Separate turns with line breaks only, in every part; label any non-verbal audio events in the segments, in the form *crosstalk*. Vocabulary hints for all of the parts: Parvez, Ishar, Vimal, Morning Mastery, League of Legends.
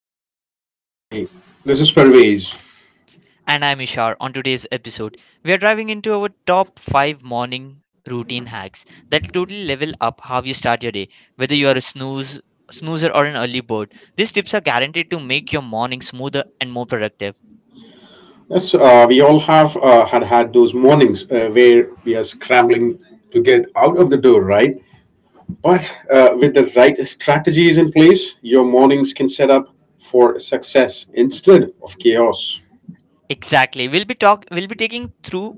back to Morning Mastery. This is Parvez.
And I'm Ishar. On today's episode, we are diving into our top 5 morning routine hacks that will totally level up how you start your day, whether you are a snoozer or an early bird. These tips are guaranteed to make your morning smoother and more productive.
Yes, we all have had those mornings where we are scrambling to get out of the door, right? But with the right strategies in place, your mornings can set up for success instead of chaos.
Exactly. We'll be taking through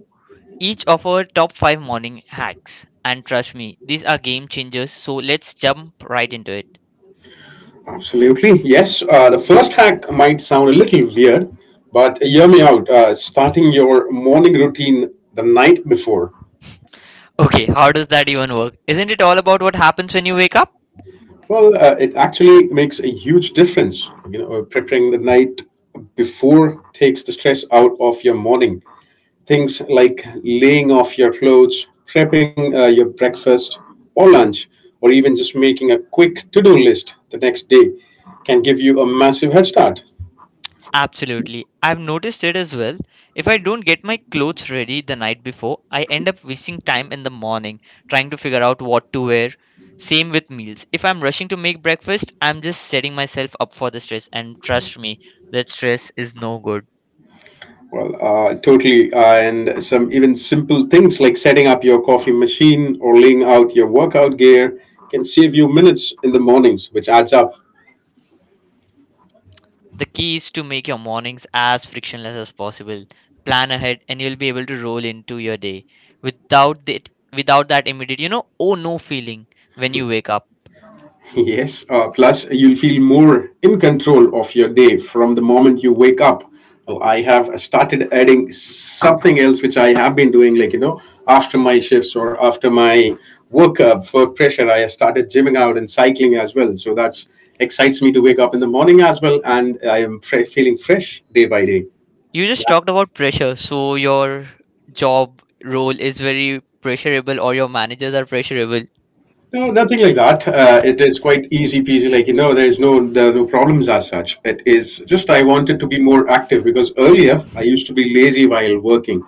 each of our top 5 morning hacks and trust me, these are game changers. So let's jump right into it.
Absolutely. Yes. The first hack might sound a little weird, but hear me out. Starting your morning routine the night before.
Okay, how does that even work? Isn't it all about what happens when you wake up?
Well, it actually makes a huge difference. You know, preparing the night before takes the stress out of your morning. Things like laying off your clothes, prepping your breakfast or lunch, or even just making a quick to do list the next day can give you a massive head start.
Absolutely. I've noticed it as well. If I don't get my clothes ready the night before, I end up wasting time in the morning trying to figure out what to wear. Same with meals. If I'm rushing to make breakfast, I'm just setting myself up for the stress, and trust me, that stress is no good.
Well, totally. And some even simple things like setting up your coffee machine or laying out your workout gear can save you minutes in the mornings, which adds up.
The key is to make your mornings as frictionless as possible. Plan ahead and you'll be able to roll into your day without that without that immediate, oh no feeling when you wake up.
*laughs* Yes, plus you'll feel more in control of your day from the moment you wake up. Well, I have started adding something else which I have been doing, like, you know, after my shifts or after my work up, work pressure, I have started gymming out and cycling as well. So that's excites me to wake up in the morning as well, and I am feeling fresh day by day.
You just talked about pressure. So your job role is very pressurable or your managers are pressurable.
No, nothing like that. It is quite easy peasy. Like you know, there are no problems as such. It is just I wanted to be more active because earlier I used to be lazy while working,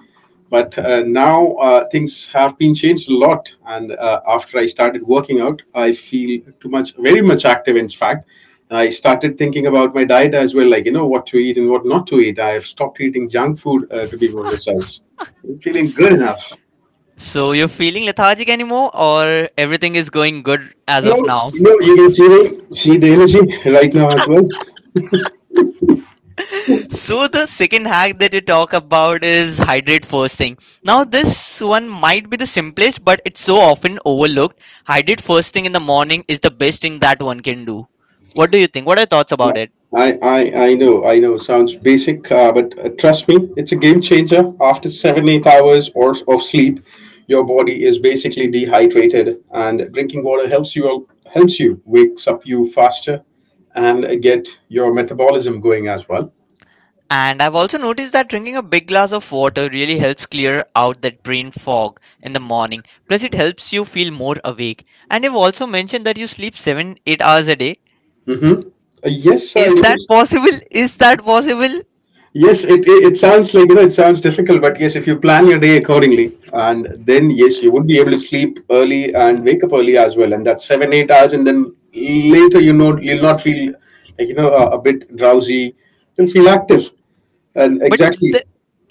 but now things have been changed a lot. And after I started working out, I feel too much, very much active. In fact, and I started thinking about my diet as well. Like you know, what to eat and what not to eat. I have stopped eating junk food to be more precise. I'm feeling good enough.
So you're feeling lethargic anymore or everything is going good as
No,
of now?
you know, you can see the energy right now as well.
So the second hack that you talk about is hydrate first thing. Now this one might be the simplest but it's so often overlooked. Hydrate first thing in the morning is the best thing that one can do. What do you think? What are your thoughts about it?
I know. Sounds basic, but trust me, it's a game changer. After 7, 8 hours or of sleep, your body is basically dehydrated, and drinking water helps you wakes up you faster and get your metabolism going as well.
And I've also noticed that drinking a big glass of water really helps clear out that brain fog in the morning. Plus, it helps you feel more awake. And you've also mentioned that you sleep 7 8 hours a day.
Mm-hmm. Yes, I
Is
do.
that possible? *laughs* Is that possible?
Yes, it sounds like you know it sounds difficult, but yes, if you plan your day accordingly, and then yes, you would be able to sleep early and wake up early as well, and that's seven eight hours, and then later you know you'll not feel like you know a bit drowsy, you'll feel active, and
But
exactly.
the,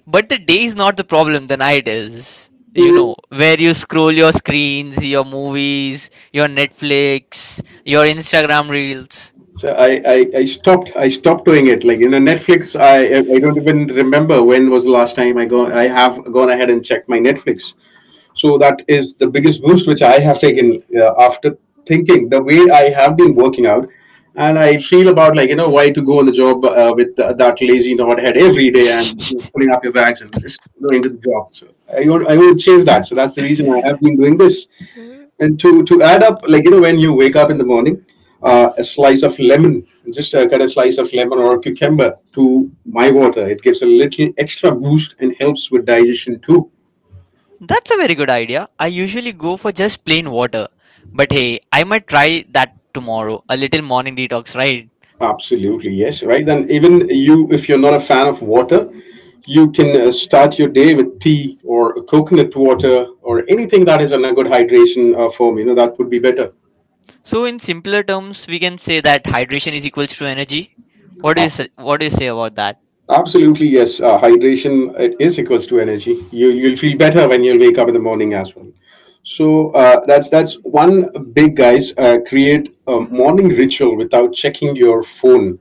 but the day is not the problem, the night is. You
Mm.
know, where you scroll your screens, your movies, your Netflix, your Instagram reels.
So I, I stopped doing it like you know Netflix I don't even remember when was the last time I have gone ahead and checked my Netflix. So that is the biggest boost which I have taken after thinking the way I have been working out. And I feel about like, you know, why to go on the job with that lazy head every day and pulling up your bags and just going to the job. So I want to change that. So that's the reason I have been doing this.
*laughs*
And to add up, like, you know, when you wake up in the morning, a slice of lemon, just cut a slice of lemon or cucumber to my water. It gives a little extra boost and helps with digestion too.
That's a very good idea. I usually go for just plain water. But hey, I might try that tomorrow. A little morning detox, right?
Absolutely, yes, right. Then even you, if you're not a fan of water, you can start your day with tea or coconut water or anything that is in a good hydration form. You know that would be better.
So in simpler terms, we can say that hydration is equals to energy.
Absolutely.
What do you say about that? *laughs*
Absolutely, yes. Hydration it is equals to energy. You'll feel better when you'll wake up in the morning as well. So that's one big guys. Create a morning ritual without checking your phone.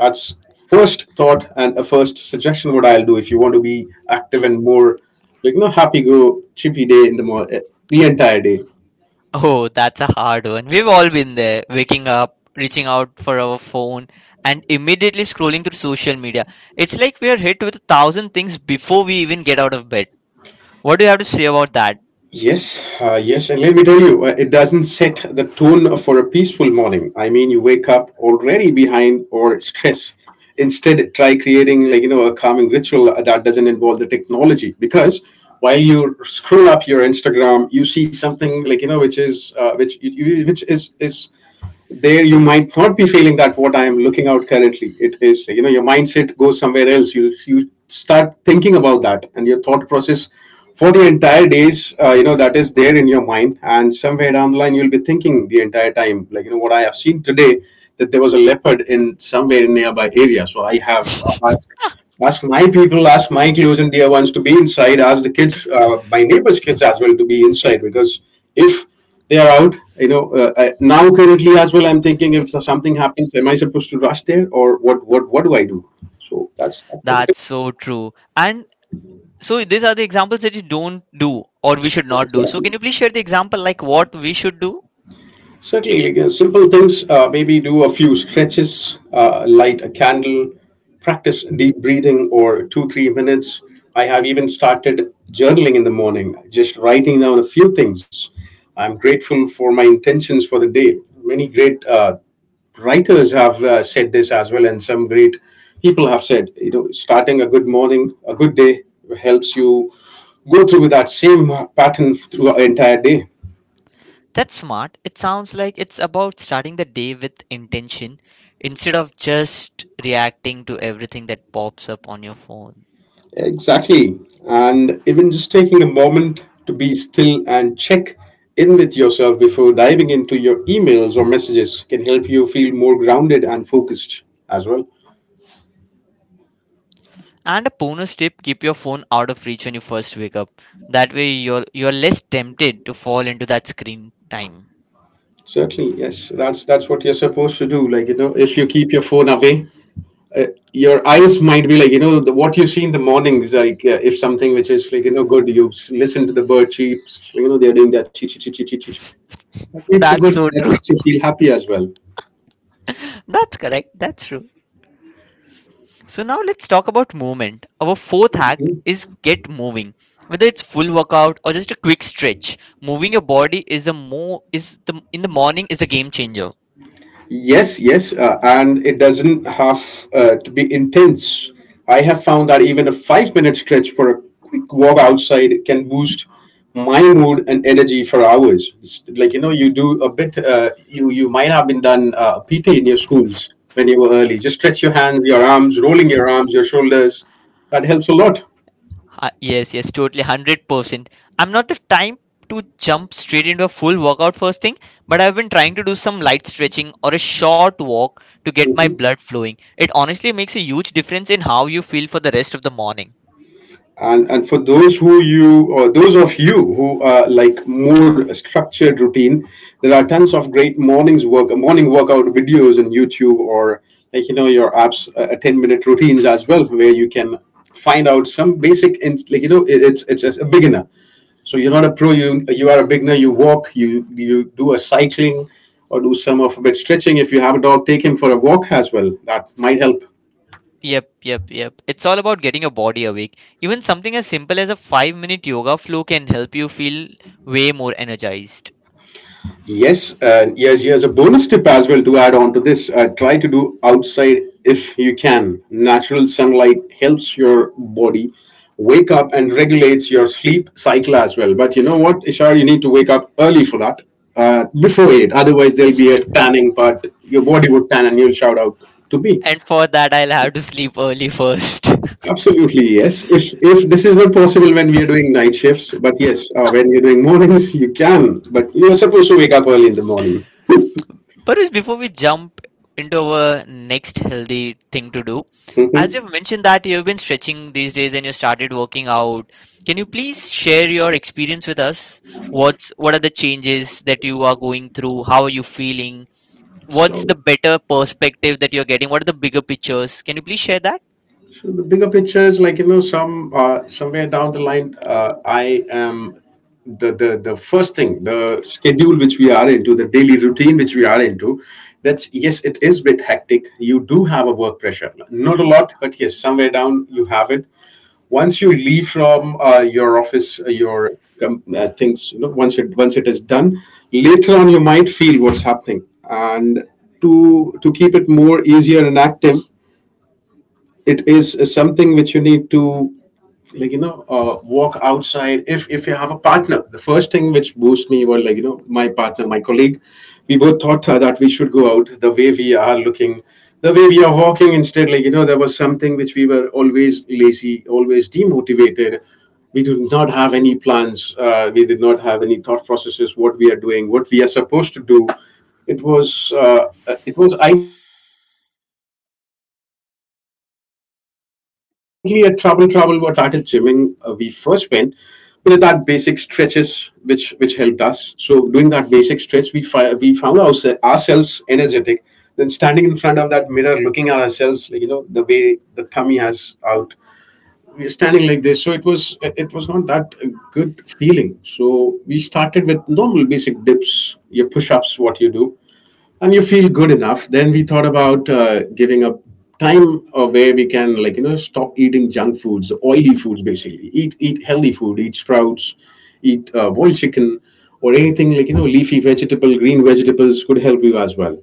That's first thought and a first suggestion what I'll do if you want to be active and more like you know happy go chippy day in the the entire day.
Oh, that's a hard one. We've all been there, waking up, reaching out for our phone, and immediately scrolling through social media. It's like we are hit with a thousand things before we even get out of bed. What do you have to say about that?
Yes, yes, and let me tell you, it doesn't set the tone for a peaceful morning. I mean, you wake up already behind or stress. Instead, try creating like you know a calming ritual that doesn't involve the technology because while you scroll up your Instagram, you see something like you know which is which is there. You might not be feeling that what I am looking out currently. It is you know your mindset goes somewhere else. You start thinking about that, and your thought process for the entire days you know that is there in your mind. And somewhere down the line, you'll be thinking the entire time like you know what I have seen today, that there was a leopard in somewhere in nearby area. So I have ask my people, ask my close and dear ones to be inside, ask the kids, my neighbors' kids as well to be inside because if they are out, you know, now currently as well, I'm thinking if something happens, am I supposed to rush there or what? What? What do I do? So that's what it is.
That's so true. And so these are the examples that you don't do or we should not
That's
do, so can
actually.
you please share the example like what we should do?
Certainly, like, simple things. Maybe do a few stretches, light a candle, practice deep breathing or 2, 3 minutes. I have even started journaling in the morning, just writing down a few things I'm grateful for, my intentions for the day. Many great writers have said this as well, and some great people have said, you know, starting a good morning, a good day helps you go through that same pattern through an entire day.
That's smart. It sounds like it's about starting the day with intention instead of just reacting to everything that pops up on your phone.
Exactly. And even just taking a moment to be still and check in with yourself before diving into your emails or messages can help you feel more grounded and focused as well.
And a bonus tip, keep your phone out of reach when you first wake up. That way you're less tempted to fall into that screen time.
Certainly, yes. That's what you're supposed to do. Like, you know, if you keep your phone away, your eyes might be like, you know, what you see in the morning is like if something which is like, you know, good, you listen to the bird cheeps, you know, they're doing that chee chee chee chee chee chee. That makes you good.
That's so
That
true.
makes you feel happy as well.
*laughs* That's correct. That's true. So now let's talk about movement. Our fourth hack is get moving. Whether it's full workout or just a quick stretch, moving your body is a mo is the in the morning is a game changer.
Yes, yes, and it doesn't have to be intense. I have found that even a 5 minute stretch for a quick walk outside can boost my mood and energy for hours. It's like you know, you do a bit. You might have been done PT in your schools when you were early. Just stretch your hands,
Yes.
your arms, rolling your arms, your shoulders. That helps a lot.
Yes, yes, totally, 100%. I'm not the type to jump straight into a full workout first thing, but I've been trying to do some light stretching or a short walk to get my
Mhm.
blood flowing. It honestly makes a huge difference in how you feel for the rest of the morning.
And for those of you who are like more structured routine, there are tons of great morning workout videos on YouTube or like you know your apps, 10-minute routines as well, where you can find out some basic and like you know it's as a beginner. So you're not a pro, you are a beginner. You walk, you do a cycling or do some of a bit stretching. If you have a dog, take him for a walk as well, that might help.
Yep. It's all about getting your body awake. Even something as simple as a 5-minute yoga flow can help you feel way more energized.
Yes, yes, yes. A bonus tip as well to add on to this: try to do outside if you can. Natural sunlight helps your body wake up and regulates your sleep cycle as well. But you know what, Ishar, you need to wake up early for that, before 8. Otherwise, there'll be a tanning, but your body would tan, and you'll shout out to me.
And for that, I'll have to sleep early first. *laughs*
Absolutely, yes. If this is not possible when we are doing night shifts, but yes, when you're doing mornings, you can. But you're supposed to wake up early in the morning.
But before we jump into our next healthy thing to do,
Hmm.
as you've mentioned that you've been stretching these days and you started working out, can you please share your experience with us? What are the changes that you are going through? How are you feeling? What's
So.
the better perspective that you're getting? What are the bigger pictures? Can you please share that?
So the bigger picture is like you know some somewhere down the line I am the first thing, the schedule which we are into, the daily routine which we are into. That's, yes, it is bit hectic. You do have a work pressure, not a lot, but yes, somewhere down you have it. Once you leave from your office, your things, you know, once it is done, later on you might feel what's happening. And to keep it more easier and active, it is something which you need to, like you know, walk outside. If you have a partner, the first thing which boosts me was, like you know, my partner, my colleague. We both thought that we should go out, the way we are looking, the way we are walking. Instead, like you know, there was something which we were always lazy, always demotivated. We do not have any plans. We did not have any thought processes, what we are doing, what we are supposed to do. It was it was idly a trouble what. Started gymming. We first went, we did that basic stretches which helped us. So doing that basic stretch, we found ourselves energetic. Then standing in front of that mirror, looking at ourselves, like you know, the way the tummy has out. We're standing like this, so it was, it was not that a good feeling. So we started with normal basic dips, your push-ups, what you do, and you feel good enough. Then we thought about giving up time where we can, like you know, stop eating junk foods, oily foods. Basically, eat healthy food, eat sprouts, eat boiled chicken, or anything, like you know, leafy vegetable, green vegetables, could help you as well.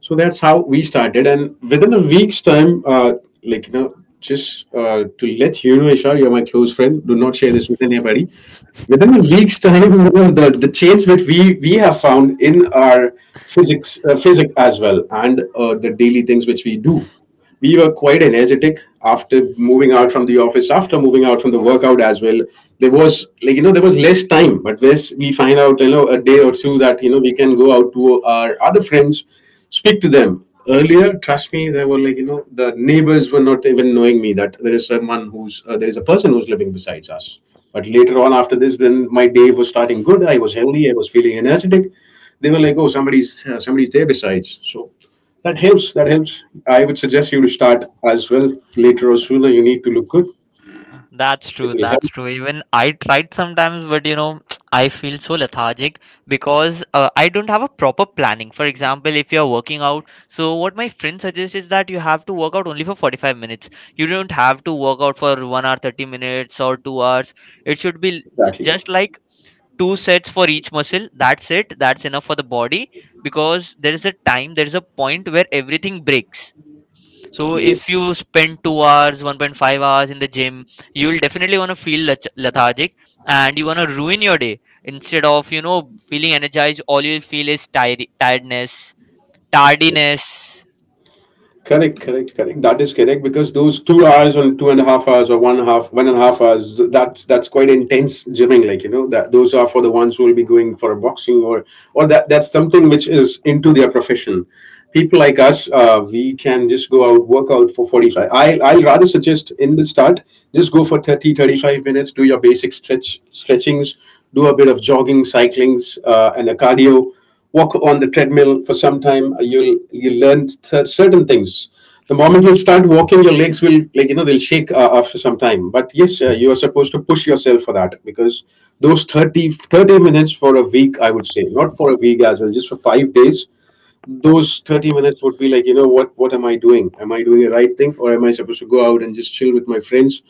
So that's how we started, and within a week's time, like you know, just to let you know, Ishar, you're my close friend, do not share this with anybody. Within a week's time, Vimal, the change which we have found in our physics, physics as well, and the daily things which we do, we were quite energetic after moving out from the office, after moving out from the workout as well. There was, like you know, there was less time, but this we find out, you know, a day or two, that you know we can go out to our other friends, speak to them earlier. Trust me, they were, like you know, the neighbors were not even knowing me that there is someone who's there is a person who's living besides us. But later on, after this, then my day was starting good. I was healthy. I was feeling energetic. They were like, "Oh, somebody's somebody's there besides." So that helps. That helps. I would suggest you to start as well, later or sooner. You need to look good.
That's
It
true.
will help.
That's true. Even I tried sometimes, but you know, *tsk* I feel so lethargic because I don't have a proper planning. For example, if you're working out, so what my friend suggests is that you have to work out only for 45 minutes. You don't have to work out for 1 hour 30 minutes or 2 hours. It should be just like two sets for each muscle. That's it. That's enough for the body because there is a time, there is a point where everything breaks. So if you spend 2 hours, 1.5 hours in the gym, you will definitely want to feel lethargic and you want to ruin your day. Instead of, you know, feeling energized, all you'll feel is tiredness, tardiness.
Correct, correct, correct. That is correct, because those 2 hours or 2.5 hours or one half, 1.5 hours, that's quite intense gymming. Like you know, that those are for the ones who will be going for a boxing, or that that's something which is into their profession. People like us, we can just go out, work out for 45. I'll rather suggest, in the start, just go for thirty thirty five minutes, do your basic stretchings, do a bit of jogging, cyclings, and a cardio walk on the treadmill for some time. You'll, you learn certain things. The moment you start walking, your legs will, like you know, they'll shake after some time, but yes, you are supposed to push yourself for that, because those 30 30 minutes for a week, I would say, not for a week as well, just for 5 days, those 30 minutes would be, like you know, what am I doing, am I doing the right thing, or am I supposed to go out and just chill with my friends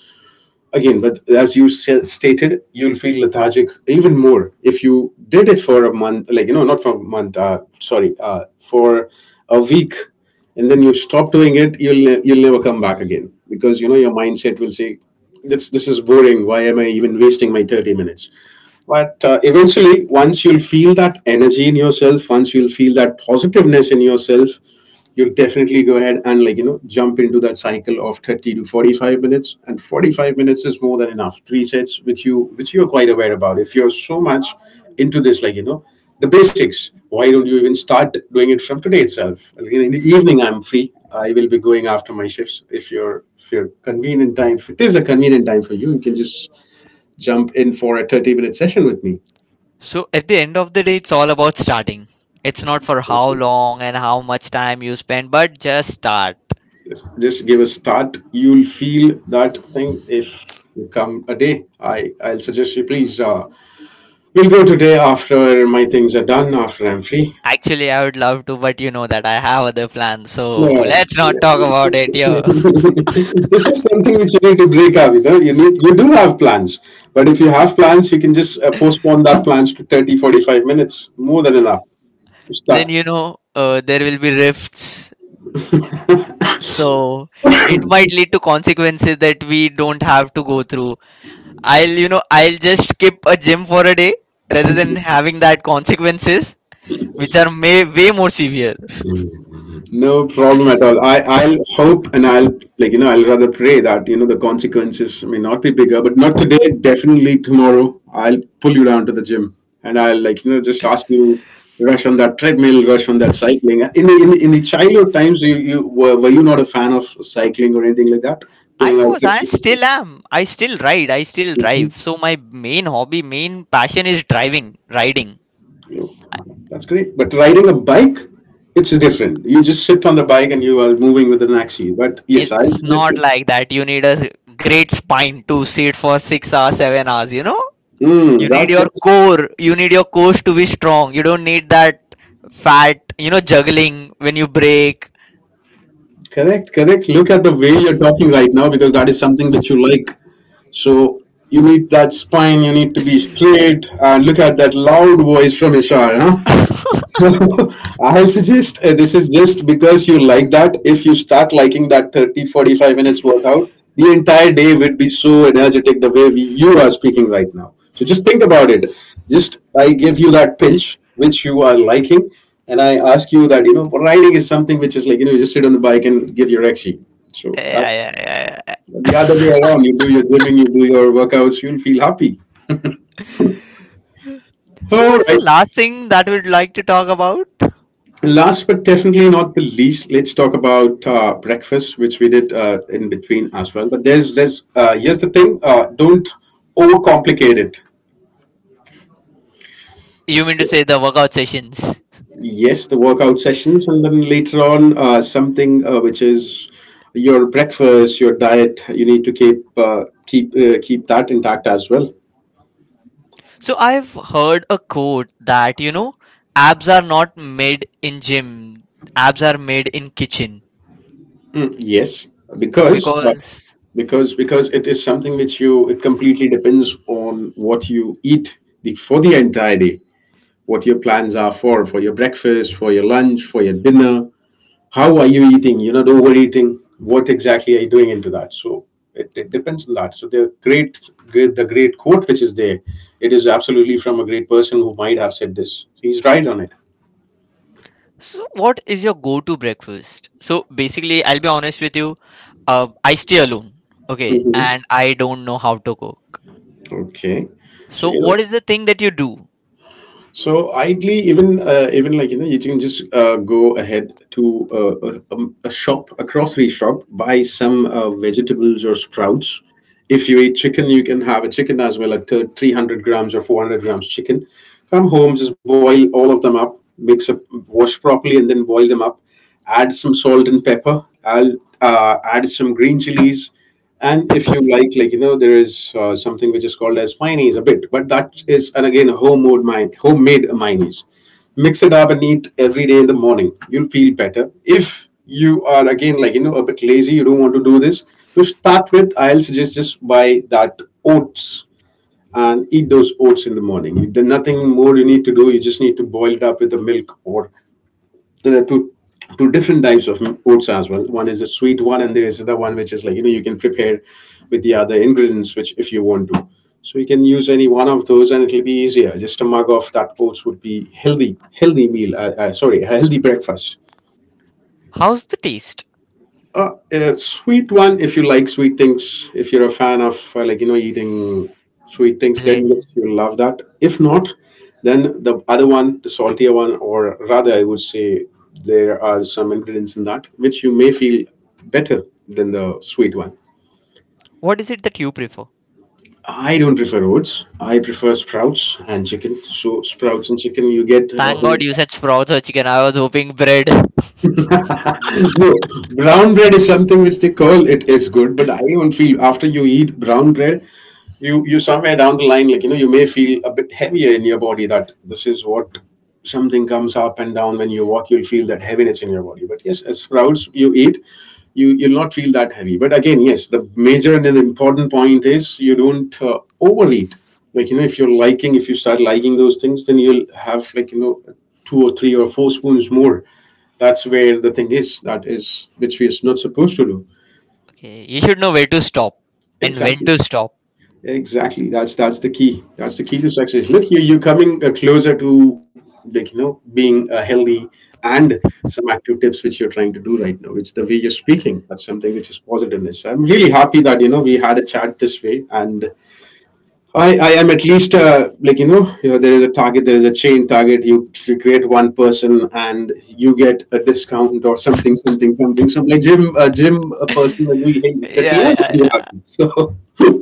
again? But as you stated, you'll feel lethargic even more if you did it for a month, like you know, not for a month, sorry, for a week, and then you stop doing it, you'll never come back again, because you know your mindset will say, this is boring, why am I even wasting my 30 minutes? But eventually, once you'll feel that energy in yourself, once you'll feel that positiveness in yourself, you'll definitely go ahead and, like you know, jump into that cycle of 30 to 45 minutes. And 45 minutes is more than enough, three sets which you're quite aware about, if you're so much into this, like you know, the basics. Why don't you even start doing it from today itself? Like, in the evening, I'm free, I will be going after my shifts. If you're if you're convenient time, if it is a convenient time for you, you can just jump in for a 30-minute session with me.
So at the end of the day, it's all about starting. It's not for how long and how much time you spend, but just start.
Just give a start. You'll feel that thing. If you come a day, I'll suggest you, please, we'll go today after my things are done, after I'm free.
Actually, I would love to, but you know that I have other plans.
No.
So let's not talk
*laughs*
about it here.
This is something which you need to break up with, huh? You need, you do have plans, but if you have plans, you can just postpone that plans to 30, 45 minutes. More than enough to
*laughs* Then
start.
you know there will be rifts, so it might lead to consequences that we don't have to go through. I'll, you know, I'll just skip a gym for a day rather than having that consequences which are may, way more severe.
No problem at all. I'll hope, and I'll, like you know, I'll rather pray that, you know, the consequences may not be bigger, but not today. Definitely tomorrow, I'll pull you down to the gym, and I'll, like you know, just ask you, rush on that treadmill, rush on that cycling. In the, in, in the childhood times, you were you not a fan of cycling or anything like that? Going out
I
trips with your
still am, I still ride, I still
friends?
drive.
Mhm.
So my main hobby, main passion is driving, riding.
You- That's great. But riding a bike, it's different. You just sit on the bike and you are moving with an axis. But yes, I
It's not
suggest.
like that. You need a great spine to sit for 6 hours 7 hours, you know. You
Mm,
need your
that's—
core. You need your core to be strong. You don't need that fat, you know, juggling when you break.
Correct, correct. Look at the way you're talking right now, because that is something which you like. So you need that spine, you need to be straight. And look at that loud voice from Ishar, huh? *laughs* I suggest, this is just because you like that. If you start liking that 30, 45 minutes workout, the entire day would be so energetic, the way you are speaking right now. So just think about it. Just I give you that pinch which you are liking, and I ask you that, you know, riding is something which is, like you know, you just sit on the bike and give your exi. So that's
Yeah.
the other way around. You do your gymming, you do your workouts, you'll feel happy.
So,
All
what is
right.
the last thing that we'd like to talk about?
Last but definitely not the least, let's talk about breakfast, which we did in between as well. But there's here's the thing: don't overcomplicate it.
You mean to
So,
say the workout sessions?
yes, the workout sessions, and then later on something which is your breakfast, your diet. You need to keep that intact as well.
So, I've heard a quote that, you know, abs are not made in gym, abs are made in kitchen.
Mm, yes, because
Because
because it is something which you, it completely depends on what you eat for the entire day. What your plans are for your breakfast, for your lunch, for your dinner. How are you eating, you're not overeating, what exactly are you doing into that? So it depends on that. So the great, great the great quote which is there, it is absolutely from a great person who might have said this, he's right on it.
so, what is your go-to breakfast? So, basically, I'll be honest with you. I stay alone, okay,
Hmm.
and I don't know how to cook.
Okay. so
So,
you know
what is the thing that you do?
So ideally, even even, like you know, you can just go ahead to a shop, a grocery shop, buy some vegetables or sprouts. If you eat chicken, you can have a chicken as well, like 300 grams or 400 grams chicken. Come home, just boil all of them up, mix up, wash properly, and then boil them up, add some salt and pepper. I'll, add some green chilies, and if you like you know, there is something which is called as mayonnaise a bit, but that is, and again, a homemade homemade mayonnaise. Mix it up and eat every day in the morning, you'll feel better. If you are, again, like you know, a bit lazy, you don't want to do this. To start with, I'll suggest, just buy that oats and eat those oats in the morning. There's nothing more you need to do. You just need to boil it up with the milk, or there are two different types of oats as well. One is a sweet one, and there is the one which is, like you know, you can prepare with the other ingredients, which if you want to. So you can use any one of those, and it'll be easier. Just a mug of that oats would be healthy, healthy meal. Sorry, a healthy breakfast.
How's the taste?
A sweet one if you like sweet things. If you're a fan of like you know eating sweet things, then
Blend.
yes, you'll love that. If not, then the other one, the saltier one, or rather, I would say there are some ingredients in that which you may feel better than the sweet one.
What is it that you prefer?
I don't prefer oats. I prefer sprouts and chicken. So sprouts and chicken, you get a
Thank God
whole.
you said sprouts or chicken. I was hoping bread.
*clears throat* No, brown bread is something which they call it is good, but I don't feel after you eat brown bread, you somewhere down the line, like you know, you may feel a bit heavier in your body, that this is what something comes up and down when you walk. You'll feel that heaviness in your body, but yes, as sprouts you eat, you'll not feel that heavy. But again, yes, the major and the important point is you don't overeat, like you know, if you're liking, if you start liking those things, then you'll have, like you know, two or three or four spoons more. That's where the thing is, that is which we are not supposed to do.
Okay, you should know where to stop and when
Exactly.
to stop.
Exactly. That's the key. That's the key to success. Look, you're coming closer to, like you know, being healthy and some active tips which you're trying to do right now. It's the way you're speaking. That's something which is positiveness. I'm really happy that, you know, we had a chat this way. And I am at least, like you know, you know, there is a target, there is a chain target. You create one person and you get a discount or something, something, something. So like gym, a gym, a person like we,
*laughs* Yeah,
the trainer will be
yeah.
happy. So. *laughs*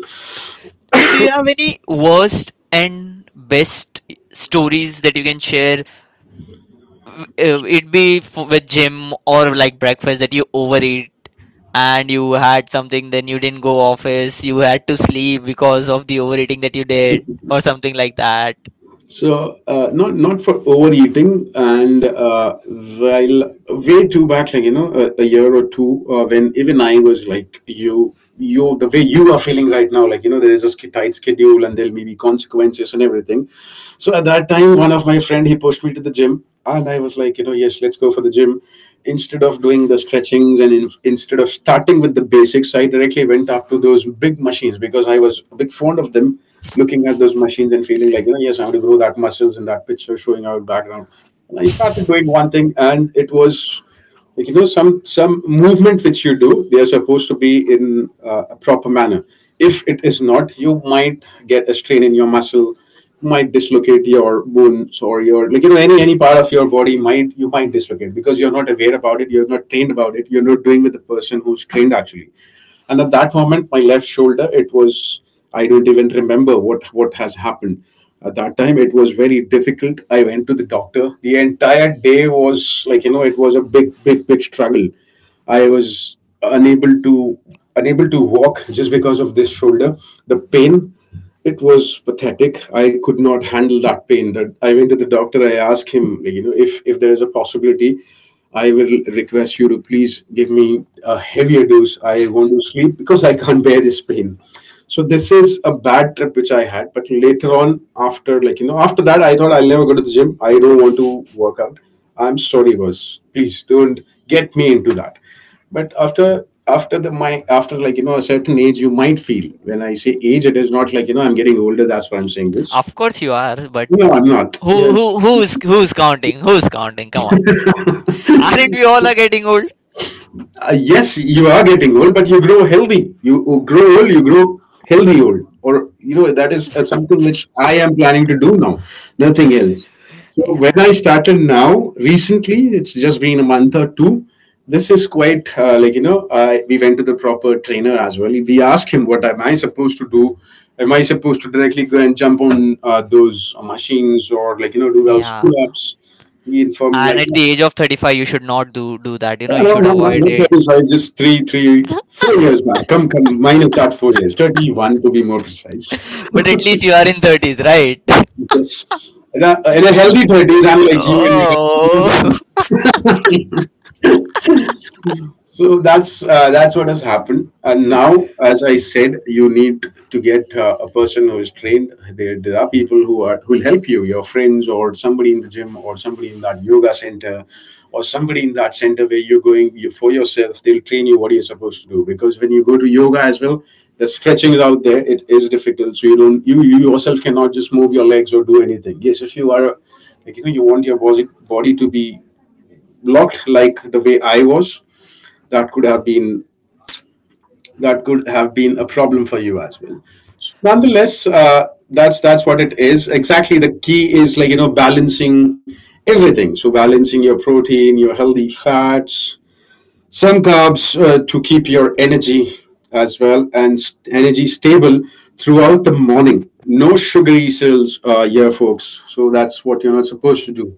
So, do you have any worst and best stories that you can share with gym or like breakfast that you overeat and you had something then you didn't go office you had to sleep because of the overeating that you did or something like that?
So not not for overeating, and while way too back, like you know, a year or two, when even I was like you the way you are feeling right now, like you know, there is a tight schedule and there'll be consequences and everything. So at that time, one of my friend, he pushed me to the gym, and I was like, you know, yes, let's go for the gym. Instead of doing the stretchings and in, instead of starting with the basics, I directly went up to those big machines because I was a big fond of them, looking at those machines and feeling like, you know, yes, I have to grow that muscles in that picture showing out background. And I started doing one thing, and it was like, you know, some movement which you do, they are supposed to be in a proper manner. If it is not, you might get a strain in your muscle, might dislocate your bones or your, like you know, any part of your body might, you might dislocate because you're not aware about it, you're not trained about it, you're not doing with the person who's trained actually. And at that moment, my left shoulder, it was, I don't even remember what has happened. At that time, it was very difficult. I went to the doctor. The entire day was like, you know, it was a big, big, big struggle. I was unable to, unable to walk *laughs* just because of this shoulder. The pain, it was pathetic. I could not handle that pain. That I went to the doctor. I asked him, like, you know, if there is a possibility, I will request you to please give me a heavier dose. I want to sleep because I can't bear this pain. So this is a bad trip which I had. But later on, after like you know, after that, I thought I'll never go to the gym. I don't want to work out. I'm sorry, boss. Please don't get me into that. But after the my after, like you know, a certain age you might feel. When I say age, it is not like, you know, I'm getting older, that's why I'm saying this.
Of course you are, but
No, I'm not.
who's counting, who's counting, come on. *laughs* Aren't we all are getting old?
Yes, you are getting old, but you grow healthy. You grow old, you grow healthy old. Or, you know, that is something which I am planning to do now, nothing else. So, when
Yeah,
I started now, recently, it's just been a month or two. This is quite like, you know, I we went to the proper trainer as well. We asked him, "What am I supposed to do? Am I supposed to directly go and jump on those machines, or, like, you know, do those
yeah.
pull ups?" He informed,
And
like,
at the age of 35 you should not do that, you know, you
no,
should
not, not,
avoid
not
it.
35, just 4 years back. Come, come, minus that 4 years. 31, to be more precise. *laughs*
But at least you are in 30s, right?
Yes. And, in a healthy 30s, I'm
*laughs*
like you in your
Oh,
thirties. *laughs* So that's what has happened. And now, as I said, you need to get a person who is trained. There are people who are, who will help you, your friends, or somebody in the gym, or somebody in that yoga center, or somebody in that center where you're going, you, for yourself. They'll train you what you're supposed to do. Because when you go to yoga as well, the stretching is out there. It is difficult, so you don't, you yourself cannot just move your legs or do anything. Yes, if you are a- like you know, you want your body, body to be blocked like the way I was, that could have been, that could have been a problem for you as well. So nonetheless, that's what it is. Exactly, the key is, like you know, balancing everything. So balancing your protein, your healthy fats, some carbs to keep your energy as well, and energy stable throughout the morning. No sugary cells, yeah, folks. So that's what you're not supposed to do.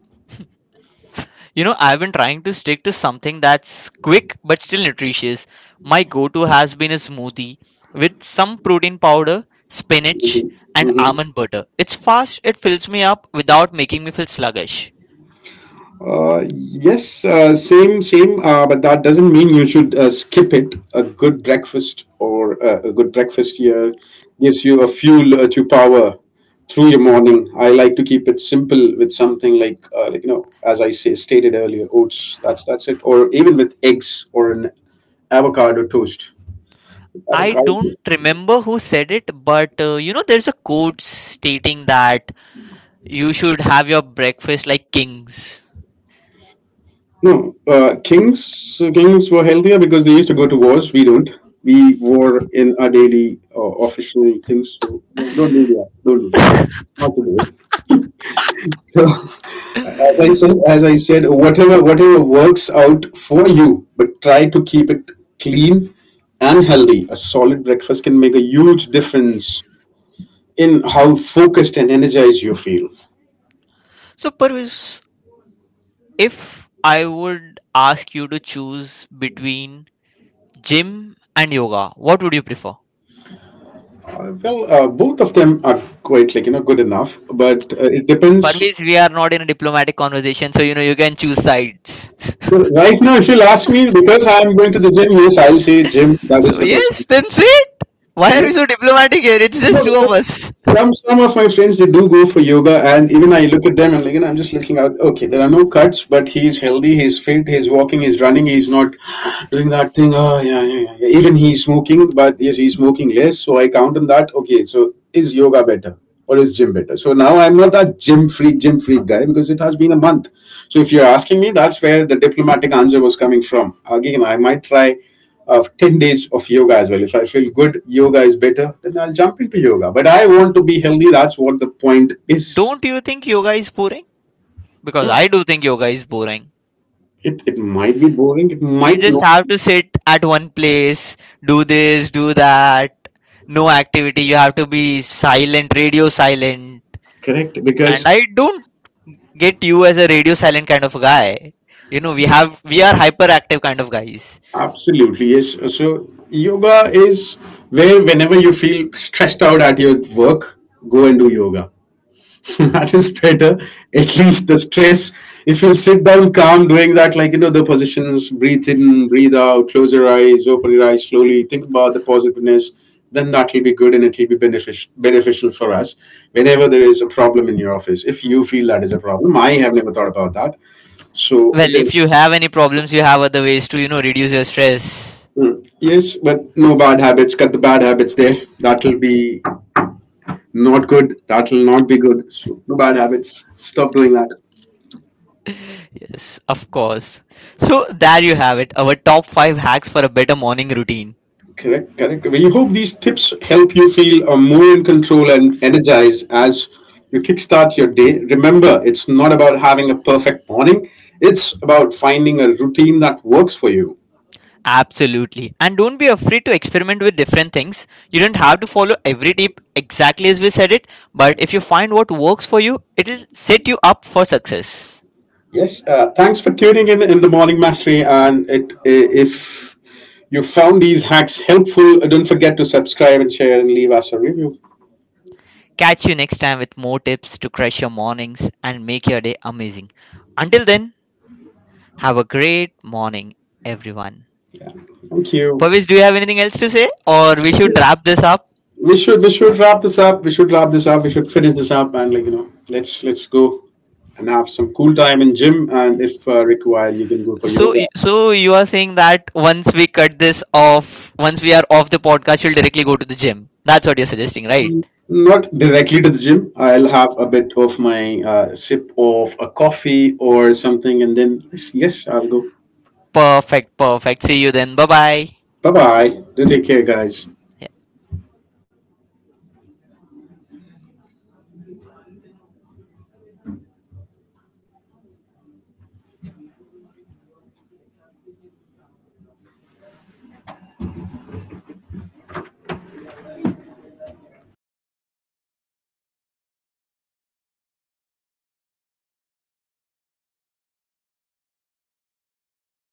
you know, I've been trying to stick to something that's quick but still nutritious. My go to has been a smoothie with some protein powder, spinach, and almond butter. It's fast, it fills me up without making me feel sluggish.
Yes, same, same. But that doesn't mean you should skip it. A good breakfast, or a good breakfast here, gives you a fuel to power through your morning. I like to keep it simple with something like you know, as I say, stated earlier, oats. That's it. Or even with eggs or an avocado toast.
I
Avocado
don't
toast.
remember who said it, but you know, there's a quote stating that you should have your breakfast like kings.
No, kings, so kings were healthier because they used to go to wars. We don't. We war in our daily official things. So don't do
*laughs*
that. Don't do that. I, not to do it. So *laughs*
Mm.
as I said, whatever whatever works out for you, but try to keep it clean and healthy. A solid breakfast can make a huge difference in how focused and energized you feel.
So, Parvis, if I would ask you to choose between gym and yoga. What would you prefer?
Well, both of them are quite, like you know, good enough, but it depends.
Parvez, we are not in a diplomatic conversation, so you know you can choose sides. *laughs*
So right now, if you'll ask me, because I'm going to the gym, yes, I'll say gym, that is
So
the best
yes,
one.
then say it. Why are
Yes,
we so diplomatic here? It's
no,
just two of
because
us.
some of my friends, they do go for yoga, and even I look at them and, like, you know, I'm just looking out. Okay, there are no cuts, but he's healthy, he's fit, he's walking, he's running, he's not doing that thing. Oh yeah, yeah, yeah. Yeah. Even he's smoking, but yes, he's smoking less. So I count on that. Okay, so is yoga better or is gym better? So now I'm not that gym freak guy because it has been a month. So if you're asking me, that's where the diplomatic answer was coming from. Again, I might try of 10 days of yoga as well. If I feel good, yoga is better, then I'll jump into yoga. But I want to be healthy. That's what the point
Don't
is.
you think yoga is boring? Because
Mm,
I do think yoga is boring.
it might be boring, it
You
might
just
not.
have to sit at one place, do this, do that, no activity. You have to be silent, radio silent.
Correct,
And
because
I don't get you as a radio silent kind of guy. You know, we are hyperactive kind of guys.
absolutely, yes. So, yoga is where, whenever you feel stressed out at your work, go and do yoga. *laughs* That is better. At least the stress, if you sit down calm doing that, like, you know, the positions, breathe in, breathe out, close your eyes, open your eyes slowly, think about the positiveness, then that will be good, and it will be beneficial for us whenever there is a problem in your office. If you feel that is a problem, I have never thought about that. So it
Well, if
is.
you have any problems, you have other ways to, you know, reduce your stress.
Mm. Yes, but no bad habits. Cut the bad habits there. That will be not good. That will not be good. So no bad habits. Stop doing that.
Yes, of course. So there you have it, our top 5 hacks for a better morning routine.
Correct, correct. We hope these tips help you feel more in control and energized as you kickstart your day. Remember, it's not about having a perfect morning, it's about finding a routine that works for you.
Absolutely. And don't be afraid to experiment with different things. You don't have to follow every tip exactly as we said it, but if you find what works for you, it'll set you up for success.
Yes, thanks for tuning in the Morning Mastery. And it, if you found these hacks helpful, don't forget to subscribe and share and leave us a review.
Catch you next time with more tips to crush your mornings and make your day amazing. Until then, have a great morning, everyone.
Yeah, thank
Pavis,
you.
do you have anything else to say, or we should wrap this up?
We should wrap this up. We should wrap this up. We should finish this up and, like you know, let's go and have some cool time in gym, and if required you can go for
So,
yoga.
so you are saying that once we cut this off, once we are off the podcast, you'll directly go to the gym. That's what you're suggesting, right?
Not directly to the gym, I'll have a bit of my sip of a coffee or something, and then yes, I'll go.
Perfect, perfect. See you then. Bye bye.
Bye bye. Do take care, guys.